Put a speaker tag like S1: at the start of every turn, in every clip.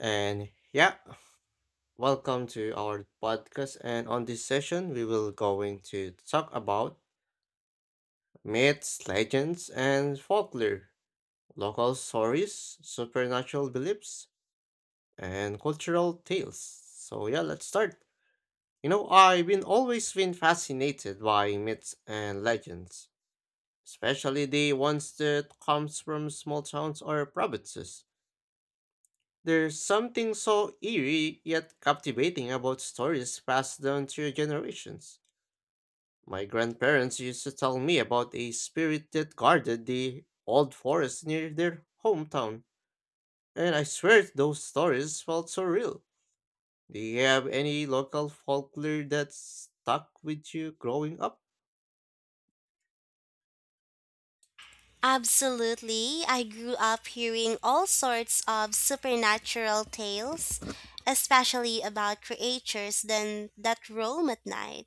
S1: And yeah, welcome to our podcast. And on this session, we will going to talk about myths, legends, and folklore, local stories, supernatural beliefs, and cultural tales. So yeah, let's start. You know, I've been always been fascinated by myths and legends, especially the ones that comes from small towns or provinces. There's something so eerie yet captivating about stories passed down through generations. My grandparents used to tell me about a spirit that guarded the old forest near their hometown, and I swear those stories felt so real. Do you have any local folklore that stuck with you growing up?
S2: Absolutely. I grew up hearing all sorts of supernatural tales, especially about creatures then that roam at night.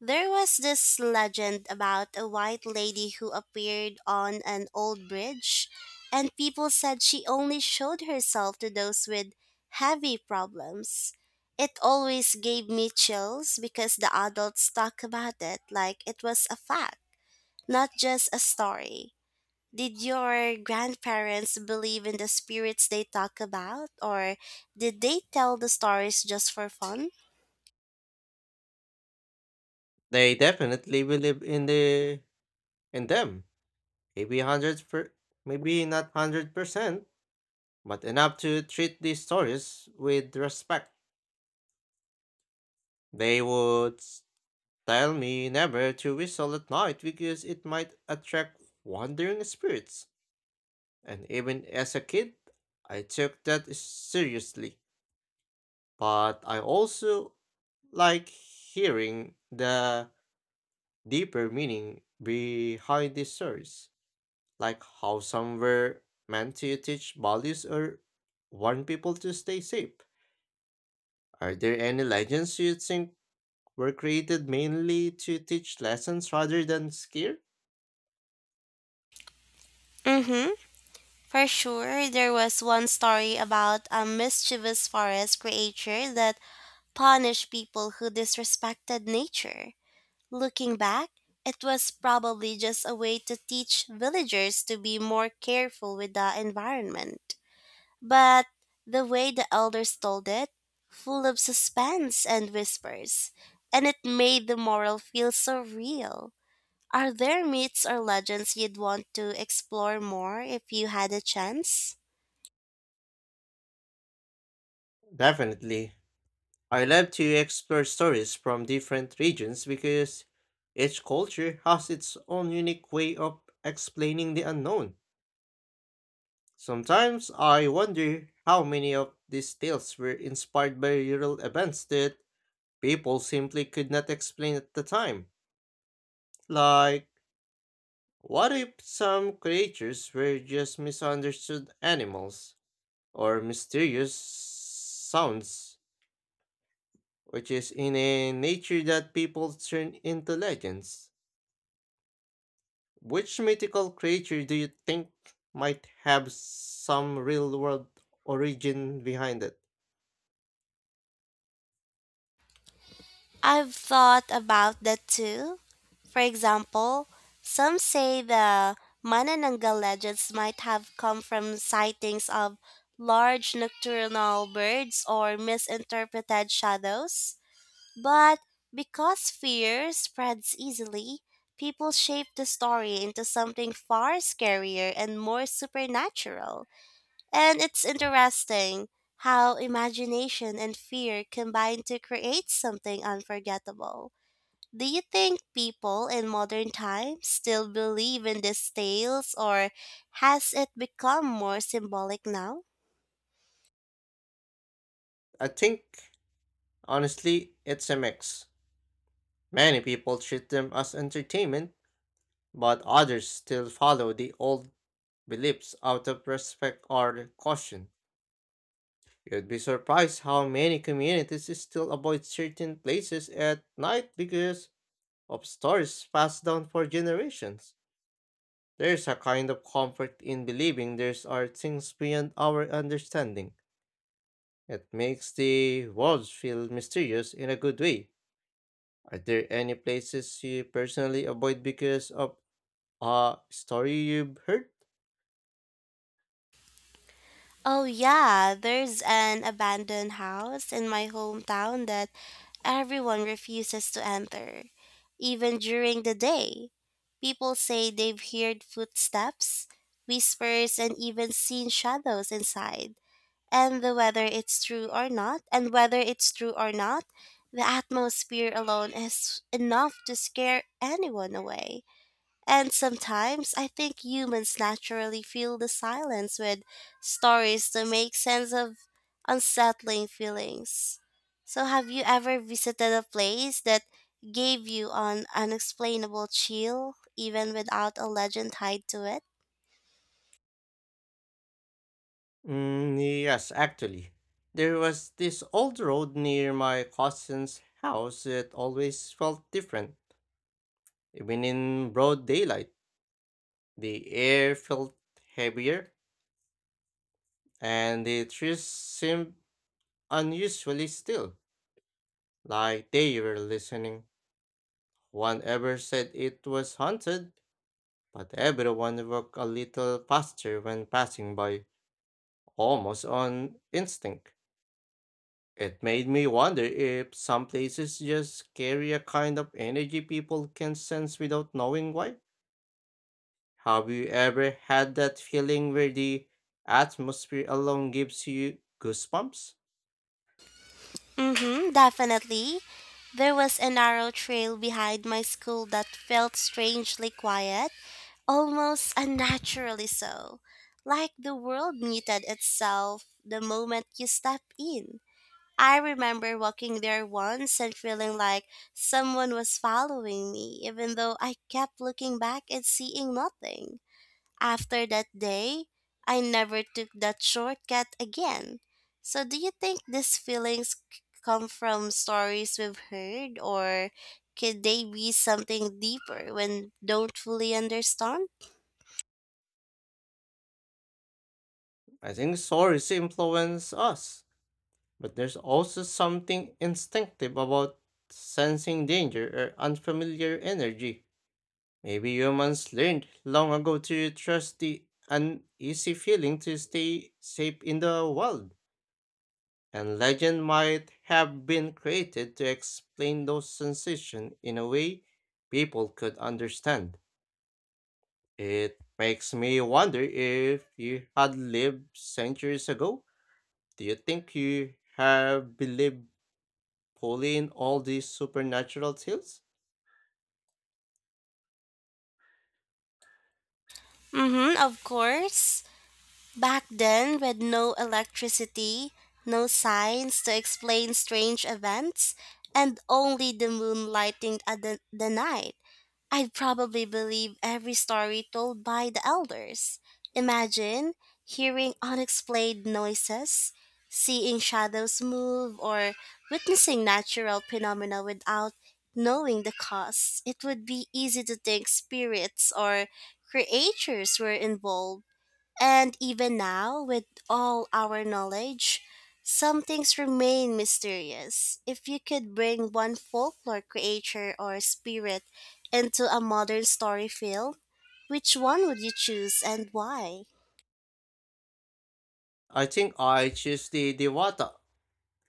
S2: There was this legend about a white lady who appeared on an old bridge, and people said she only showed herself to those with heavy problems. It always gave me chills because the adults talk about it like it was a fact, not just a story. Did your grandparents believe in the spirits they talk about, or did they tell the stories just for fun?
S1: They definitely believe in the in them. Maybe hundred per, maybe not 100%, but enough to treat these stories with respect. They would tell me never to whistle at night because it might attract wandering spirits. And even as a kid, I took that seriously. But I also like hearing the deeper meaning behind these stories, like how some were meant to teach values or warn people to stay safe. Are there any legends you think were created mainly to teach lessons rather than scare?
S2: Mm-hmm. For sure, there was one story about a mischievous forest creature that punished people who disrespected nature. Looking back, it was probably just a way to teach villagers to be more careful with the environment. But the way the elders told it, full of suspense and whispers, and it made the moral feel so real. Are there myths or legends you'd want to explore more if you had a chance?
S1: Definitely. I love to explore stories from different regions because each culture has its own unique way of explaining the unknown. Sometimes I wonder how many of these tales were inspired by real events that people simply could not explain at the time. Like, what if some creatures were just misunderstood animals or mysterious sounds which is in a nature that people turn into legends. Which mythical creature do you think might have some real world origin behind it?
S2: I've thought about that too. For example, some say the Manananggal legends might have come from sightings of large nocturnal birds or misinterpreted shadows. But because fear spreads easily, people shape the story into something far scarier and more supernatural. And it's interesting how imagination and fear combine to create something unforgettable. Do you think people in modern times still believe in these tales, or has it become more symbolic now?
S1: I think, honestly, it's a mix. Many people treat them as entertainment, but others still follow the old beliefs out of respect or caution. You'd be surprised how many communities still avoid certain places at night because of stories passed down for generations. There's a kind of comfort in believing there's are things beyond our understanding. It makes the world feel mysterious in a good way. Are there any places you personally avoid because of a story you've heard?
S2: Oh, yeah, there's an abandoned house in my hometown that everyone refuses to enter, even during the day. People say they've heard footsteps, whispers, and even seen shadows inside. And the whether it's true or not, the atmosphere alone is enough to scare anyone away. And sometimes I think humans naturally fill the silence with stories to make sense of unsettling feelings. So, have you ever visited a place that gave you an unexplainable chill, even without a legend tied to it?
S1: Mm, yes, actually. There was this old road near my cousin's house that always felt different. Even in broad daylight, the air felt heavier. And the trees seemed unusually still, like they were listening. One ever said it was haunted, but everyone walked a little faster when passing by, almost on instinct. It made me wonder if some places just carry a kind of energy people can sense without knowing why. Have you ever had that feeling where the atmosphere alone gives you goosebumps?
S2: Mm-hmm, definitely. There was a narrow trail behind my school that felt strangely quiet, almost unnaturally so, like the world muted itself the moment you step in. I remember walking there once and feeling like someone was following me, even though I kept looking back and seeing nothing. After that day, I never took that shortcut again. So, do you think these feelings come from stories we've heard, or could they be something deeper when don't fully understand?
S1: I think stories influence us, but there's also something instinctive about sensing danger or unfamiliar energy. Maybe humans learned long ago to trust the uneasy feeling to stay safe in the wild, and legend might have been created to explain those sensations in a way people could understand. It makes me wonder if you had lived centuries ago, do you think you have believed pull in all these supernatural tales?
S2: Mm-hmm, of course. Back then, with no electricity, no signs to explain strange events, and only the moon lighting at the night. I'd probably believe every story told by the elders. Imagine hearing unexplained noises, seeing shadows move, or witnessing natural phenomena without knowing the cause. It would be easy to think spirits or creatures were involved and even now, with all our knowledge, some things remain mysterious. If you could bring one folklore creature or spirit into a modern story film, which one would you choose and why?
S1: I think I choose the Dewata.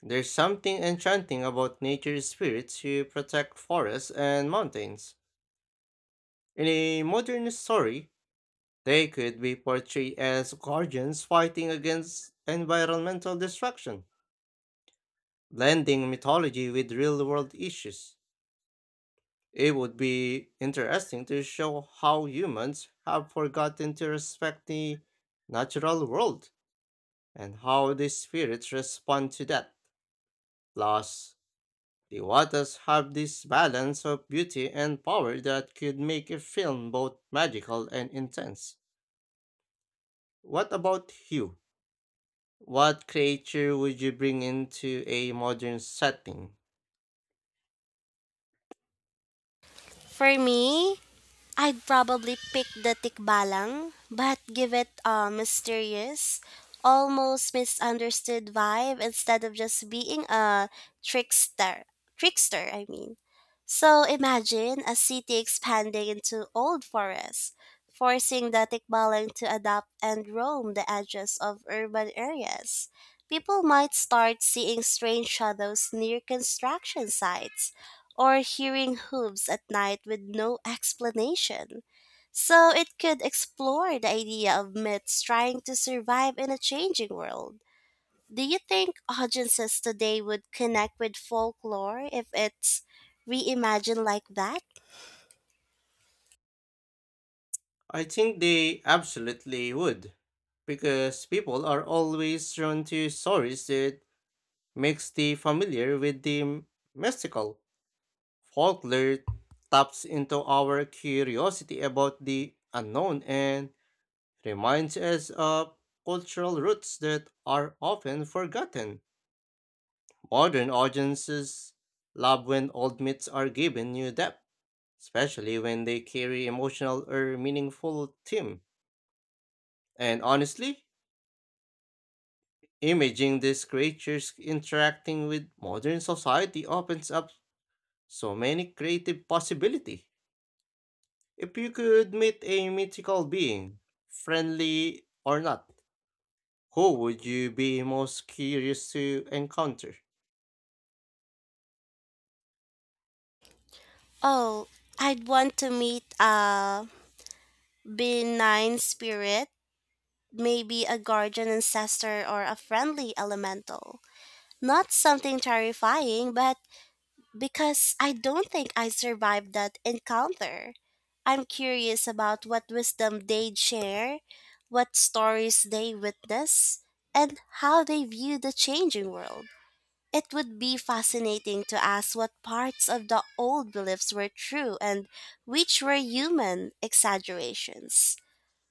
S1: There's something enchanting about nature spirits who protect forests and mountains. In a modern story, they could be portrayed as guardians fighting against environmental destruction, blending mythology with real world issues. It would be interesting to show how humans have forgotten to respect the natural world and how the spirits respond to that. Plus, the Wattas have this balance of beauty and power that could make a film both magical and intense. What about you? What creature would you bring into a modern setting?
S2: For me, I'd probably pick the tikbalang, but give it a mysterious, almost misunderstood vibe instead of just being a trickster. Trickster, I mean. So imagine a city expanding into old forests, forcing the tikbalang to adapt and roam the edges of urban areas. People might start seeing strange shadows near construction sites or hearing hooves at night with no explanation. So it could explore the idea of myths trying to survive in a changing world. Do you think audiences today would connect with folklore if it's reimagined like that?
S1: I think they absolutely would, because people are always drawn to stories that mix the familiar with the mystical. Folklore taps into our curiosity about the unknown and reminds us of cultural roots that are often forgotten. Modern audiences love when old myths are given new depth, especially when they carry emotional or meaningful theme. And honestly, imaging these creatures interacting with modern society opens up so many creative possibilities. If you could meet a mythical being, friendly or not, who would you be most curious to encounter?
S2: Oh, I'd want to meet a benign spirit, maybe a guardian ancestor or a friendly elemental. Not something terrifying, but because I don't think I survived that encounter. I'm curious about what wisdom they'd share, what stories they witness, and how they view the changing world. It would be fascinating to ask what parts of the old beliefs were true and which were human exaggerations.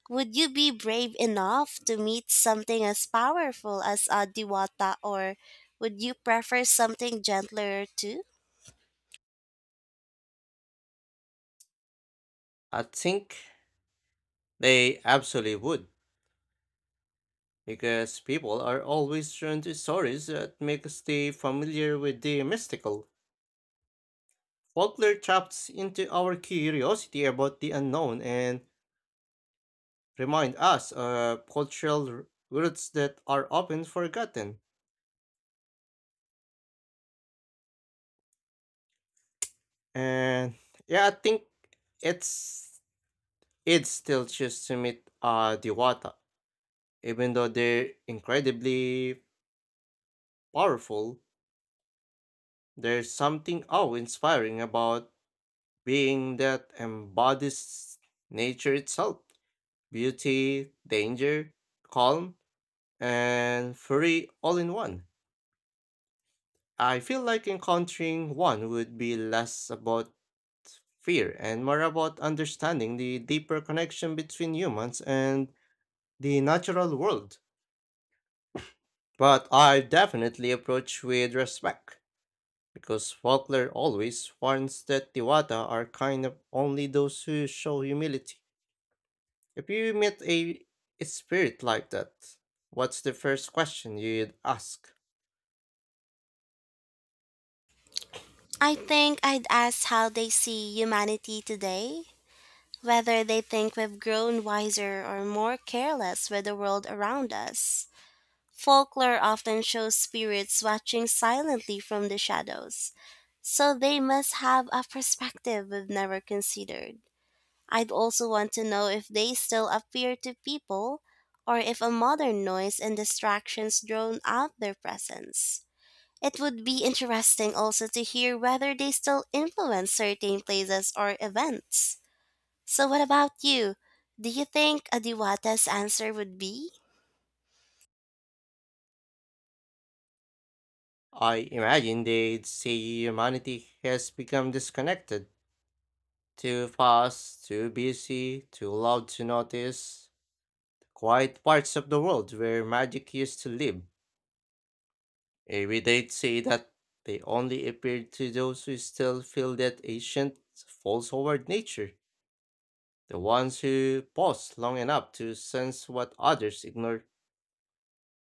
S2: Would you be brave enough to meet something as powerful as a diwata, or would you prefer something gentler too?
S1: I think they absolutely would, because people are always drawn to stories that make us stay familiar with the mystical. Folklore taps into our curiosity about the unknown and remind us of cultural roots that are often forgotten. And yeah, I think it's I still choose to meet the Diwata. Even though they're incredibly powerful, there's something awe-inspiring about being that embodies nature itself. Beauty, danger, calm, and fury all in one. I feel like encountering one would be less about fear and more about understanding the deeper connection between humans and the natural world. But I definitely approach with respect, because Faulkner always warns that the Wada are kind of only those who show humility. If you meet a spirit like that, what's the first question you'd ask?
S2: I think I'd ask how they see humanity today, whether they think we've grown wiser or more careless with the world around us. Folklore often shows spirits watching silently from the shadows, so they must have a perspective we've never considered. I'd also want to know if they still appear to people or if a modern noise and distractions drown out their presence. It would be interesting also to hear whether they still influence certain places or events. So, what about you? Do you think Adiwata's answer would be?
S1: I imagine they'd say humanity has become disconnected, too fast, too busy, too loud to notice the quiet parts of the world where magic used to live. Maybe they'd say that they only appeared to those who still feel that ancient falls forward nature, the ones who pause long enough to sense what others ignore,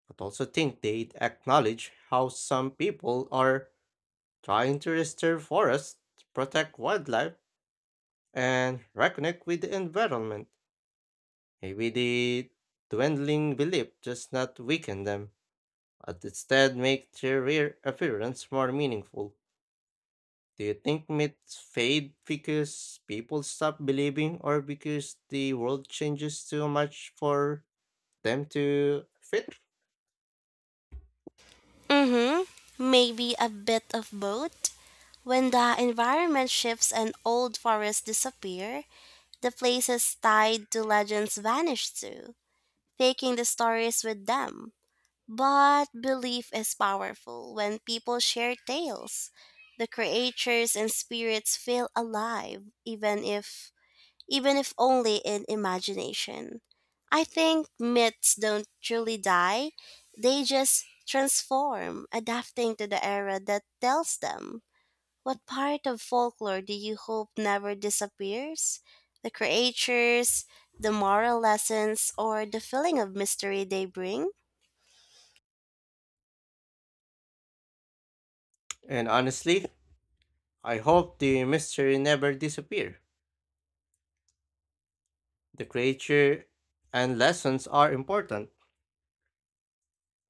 S1: but also think they'd acknowledge how some people are trying to restore forests, protect wildlife, and reconnect with the environment. Maybe the dwindling belief does not weaken them, but instead make their rare appearance more meaningful. Do you think myths fade because people stop believing or because the world changes too much for them to fit?
S2: Mm hmm. Maybe a bit of both. When the environment shifts and old forests disappear, the places tied to legends vanish too, taking the stories with them. But belief is powerful when people share tales. The creatures and spirits feel alive even if only in imagination. I think myths don't truly die. They just transform, adapting to the era that tells them. What part of folklore do you hope never disappears? The creatures, the moral lessons, or the feeling of mystery they bring?
S1: And honestly, I hope the mystery never disappear. The creature and lessons are important,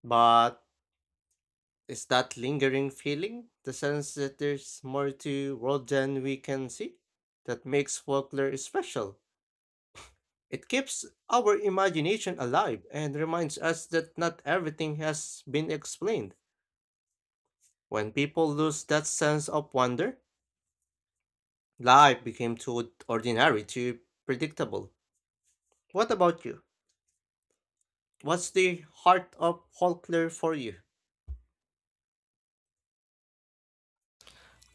S1: but is that lingering feeling, the sense that there's more to world than we can see, that makes folklore special? It keeps our imagination alive and reminds us that not everything has been explained. When people lose that sense of wonder, life became too ordinary, too predictable. What about you? What's the heart of folklore for you?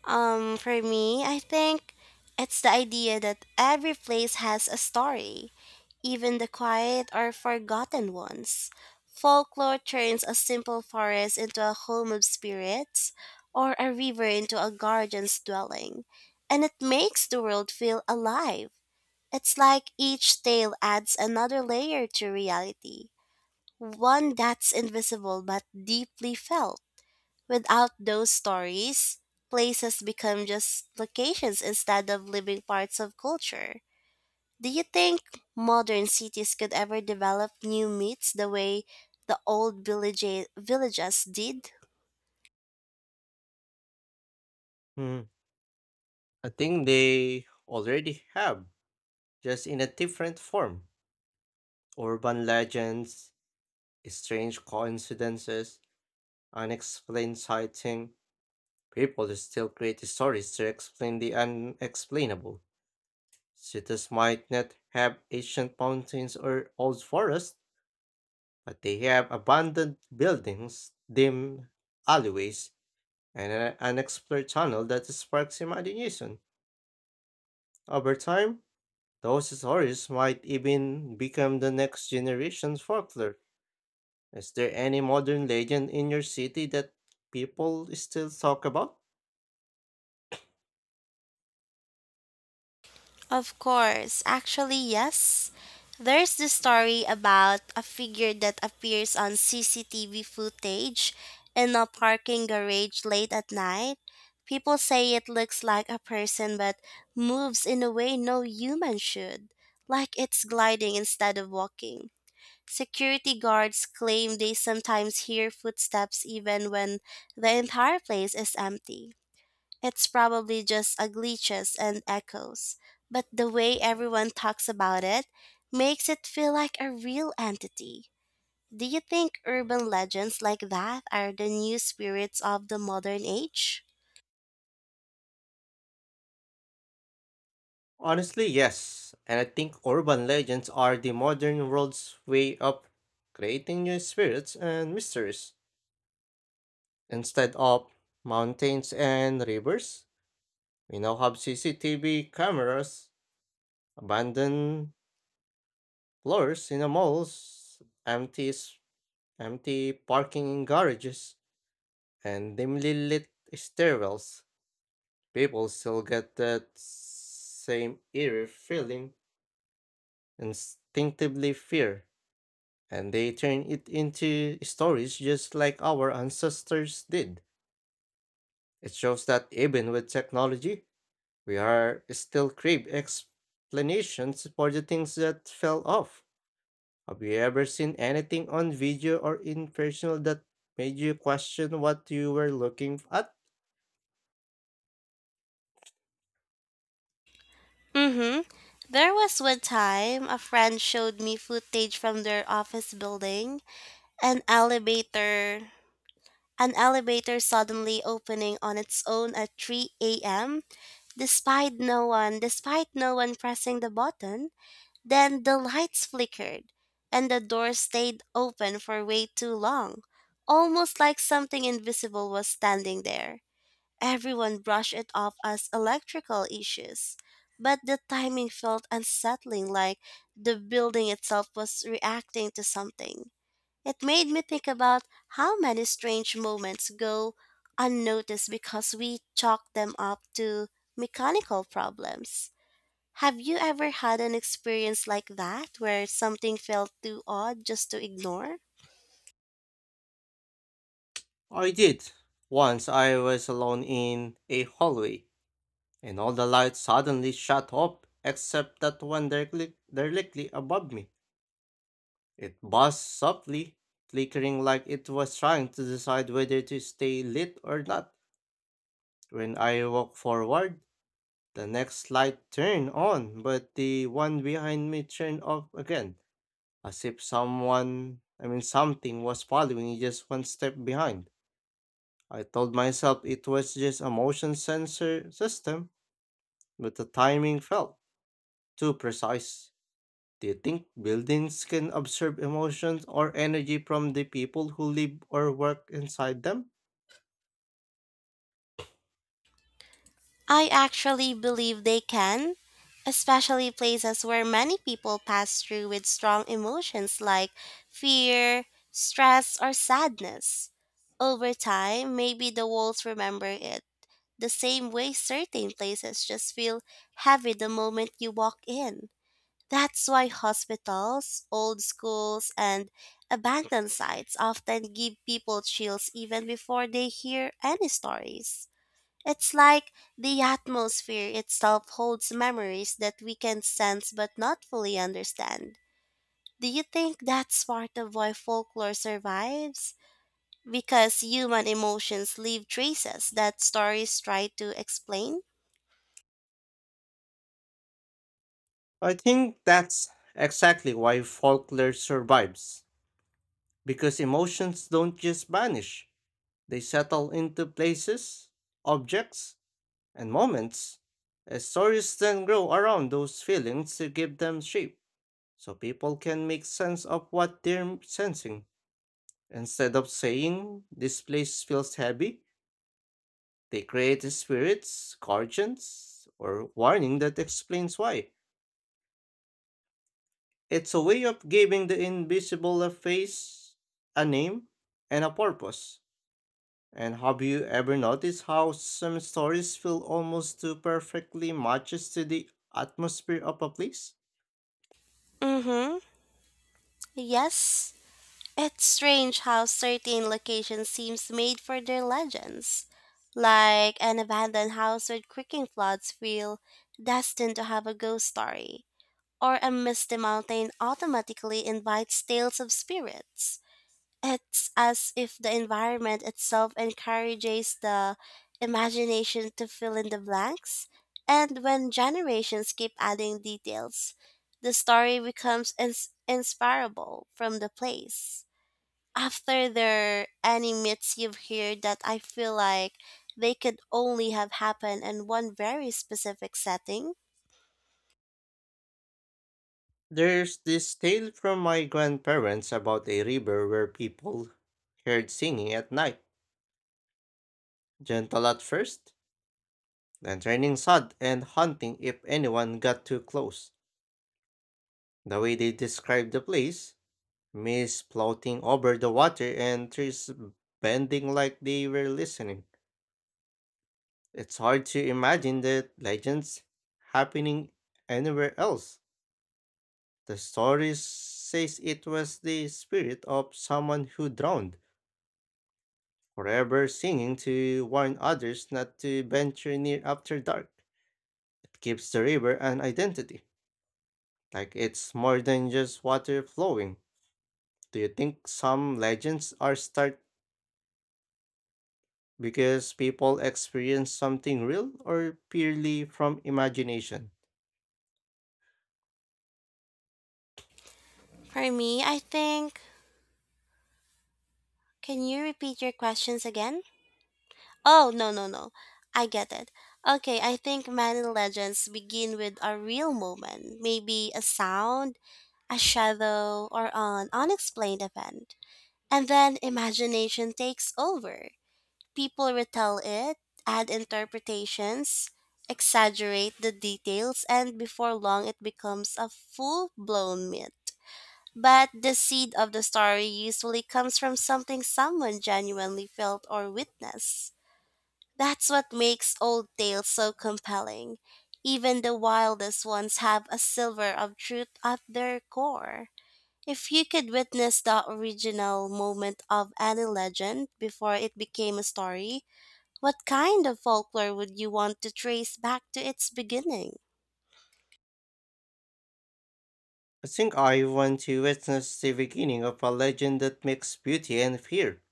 S2: For me, I think it's the idea that every place has a story, even the quiet or forgotten ones. Folklore turns a simple forest into a home of spirits, or a river into a guardian's dwelling, and it makes the world feel alive. It's like each tale adds another layer to reality, one that's invisible but deeply felt. Without those stories, places become just locations instead of living parts of culture. Do you think modern cities could ever develop new myths the way the old villages did?
S1: Hmm, I think they already have, just in a different form. Urban legends, strange coincidences, unexplained sighting, people still create stories to explain the unexplainable. Cities might not have ancient mountains or old forests, but they have abandoned buildings, dim alleyways, and an unexplored tunnel that sparks imagination. Over time, those stories might even become the next generation's folklore. Is there any modern legend in your city that people still talk about?
S2: Of course. Actually, yes. There's the story about a figure that appears on CCTV footage in a parking garage late at night. People say it looks like a person but moves in a way no human should, like it's gliding instead of walking. Security guards claim they sometimes hear footsteps even when the entire place is empty. It's probably just a glitches and echoes, but the way everyone talks about it makes it feel like a real entity. Do you think urban legends like that are the new spirits of the modern age?
S1: Honestly, yes. And I think urban legends are the modern world's way of creating new spirits and mysteries. Instead of mountains and rivers, we now have CCTV cameras, abandoned floors in the malls, empty parking garages, and dimly lit stairwells. People still get that same eerie feeling, instinctively fear, and they turn it into stories just like our ancestors did. It shows that even with technology, we are still crave explanations for the things that fell off. Have you ever seen anything on video or in personal that made you question what you were looking at?
S2: Mm-hmm. There was one time a friend showed me footage from their office building. An elevator an elevator suddenly opening on its own at 3 a.m. despite no one pressing the button. Then the lights flickered, and the door stayed open for way too long, almost like something invisible was standing there. Everyone brushed it off as electrical issues, but the timing felt unsettling, like the building itself was reacting to something. It made me think about how many strange moments go unnoticed because we chalk them up to mechanical problems. Have you ever had an experience like that where something felt too odd just to ignore?
S1: I did. Once I was alone in a hallway, and all the lights suddenly shut off except that one directly above me. It buzzed softly, flickering like it was trying to decide whether to stay lit or not. When I walked forward, the next light turned on, but the one behind me turned off again, as if someone, I mean something, was following just one step behind. I told myself it was just a motion sensor system, but the timing felt too precise. Do you think buildings can observe emotions or energy from the people who live or work inside them?
S2: I actually believe they can, especially places where many people pass through with strong emotions like fear, stress, or sadness. Over time, maybe the walls remember it, the same way certain places just feel heavy the moment you walk in. That's why hospitals, old schools, and abandoned sites often give people chills even before they hear any stories. It's like the atmosphere itself holds memories that we can sense but not fully understand. Do you think that's part of why folklore survives? Because human emotions leave traces that stories try to explain?
S1: I think that's exactly why folklore survives, because emotions don't just vanish, they settle into places, objects, and moments. As stories then grow around those feelings to give them shape, so people can make sense of what they're sensing. Instead of saying, this place feels heavy, they create spirits, guardians, or warning that explains why. It's a way of giving the invisible a face, a name, and a purpose. And have you ever noticed how some stories feel almost too perfectly matches to the atmosphere of a place?
S2: Mm hmm. Yes, it's strange how certain locations seems made for their legends. Like an abandoned house with creaking floods feel destined to have a ghost story, or a misty mountain automatically invites tales of spirits. It's as if the environment itself encourages the imagination to fill in the blanks, and when generations keep adding details, the story becomes inspirable from the place after their animates you've heard that I feel like they could only have happened in one very specific setting.
S1: There's this tale from my grandparents about a river where people heard singing at night, gentle at first, then turning sad and haunting if anyone got too close. The way they describe the place, mists floating over the water and trees bending like they were listening. It's hard to imagine the legends happening anywhere else. The story says it was the spirit of someone who drowned, forever singing to warn others not to venture near after dark. It gives the river an identity, like it's more than just water flowing. Do you think some legends are start because people experience something real or purely from imagination.
S2: For me, I think Can you repeat your questions again? Oh, no, no, no. I get it. Okay, I think many legends begin with a real moment, maybe a sound, a shadow, or an unexplained event. And then imagination takes over. People retell it, add interpretations, exaggerate the details, and before long it becomes a full blown myth. But the seed of the story usually comes from something someone genuinely felt or witnessed. That's what makes old tales so compelling. Even the wildest ones have a silver of truth at their core. If you could witness the original moment of any legend before it became a story, what kind of folklore would you want to trace back to its beginning?
S1: I think I want to witness the beginning of a legend that makes beauty and fear,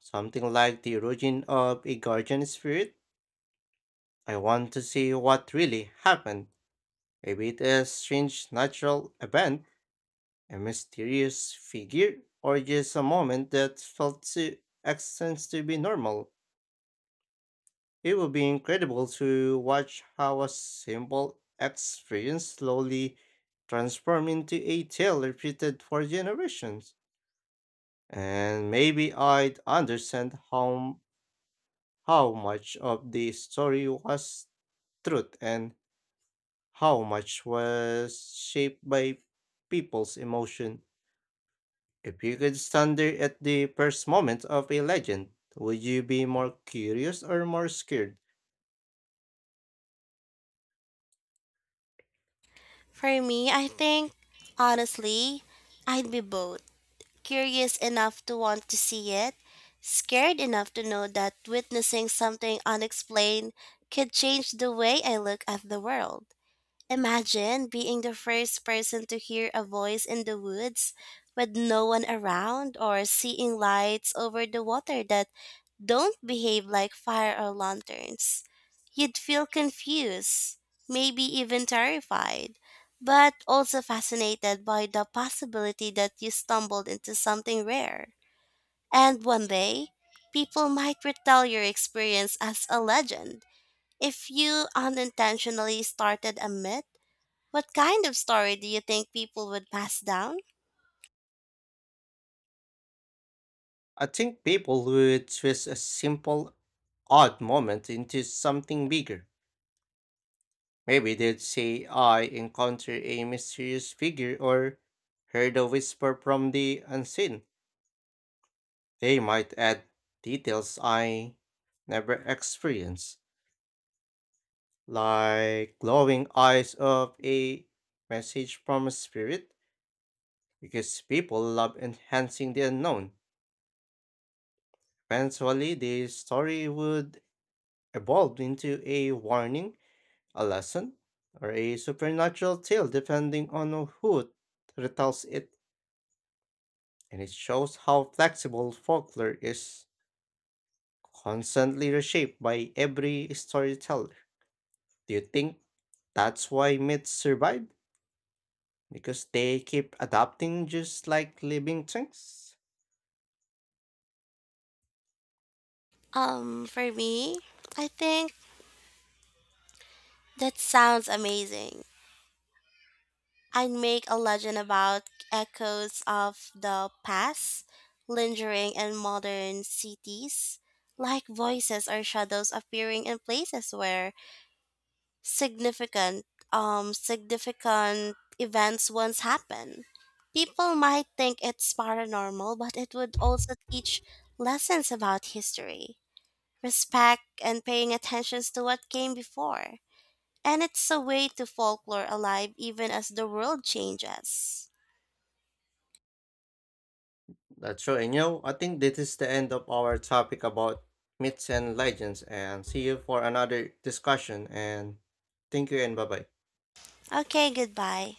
S1: something like the origin of a guardian spirit. I want to see what really happened. Maybe it is strange natural event, a mysterious figure, or just a moment that felt too extends to be normal. It would be incredible to watch how a simple experience slowly transform into a tale repeated for generations. And maybe I'd understand how much of the story was truth and how much was shaped by people's emotion. If you could stand there at the first moment of a legend, would you be more curious or more scared?
S2: For me, I think, honestly, I'd be both curious enough to want to see it, scared enough to know that witnessing something unexplained could change the way I look at the world. Imagine being the first person to hear a voice in the woods with no one around or seeing lights over the water that don't behave like fire or lanterns. You'd feel confused, maybe even terrified, but also fascinated by the possibility that you stumbled into something rare. And one day, people might retell your experience as a legend. If you unintentionally started a myth, what kind of story do you think people would pass down?
S1: I think people would twist a simple, odd moment into something bigger. Maybe they'd say, I encountered a mysterious figure or heard a whisper from the unseen. They might add details I never experienced, like glowing eyes of a message from a spirit, because people love enhancing the unknown. Eventually, the story would evolve into a warning, a lesson, or a supernatural tale depending on who retells it, and it shows how flexible folklore is, constantly reshaped by every storyteller. Do you think that's why myths survive? Because they keep adapting just like living things?
S2: For me, I think that sounds amazing. I'd make a legend about echoes of the past lingering in modern cities, like voices or shadows appearing in places where significant significant events once happened. People might think it's paranormal, but it would also teach lessons about history, respect and paying attention to what came before. And it's a way to folklore alive even as the world changes.
S1: That's right, and you know, I think this is the end of our topic about myths and legends, and see you for another discussion, and thank you and bye bye.
S2: Okay, goodbye.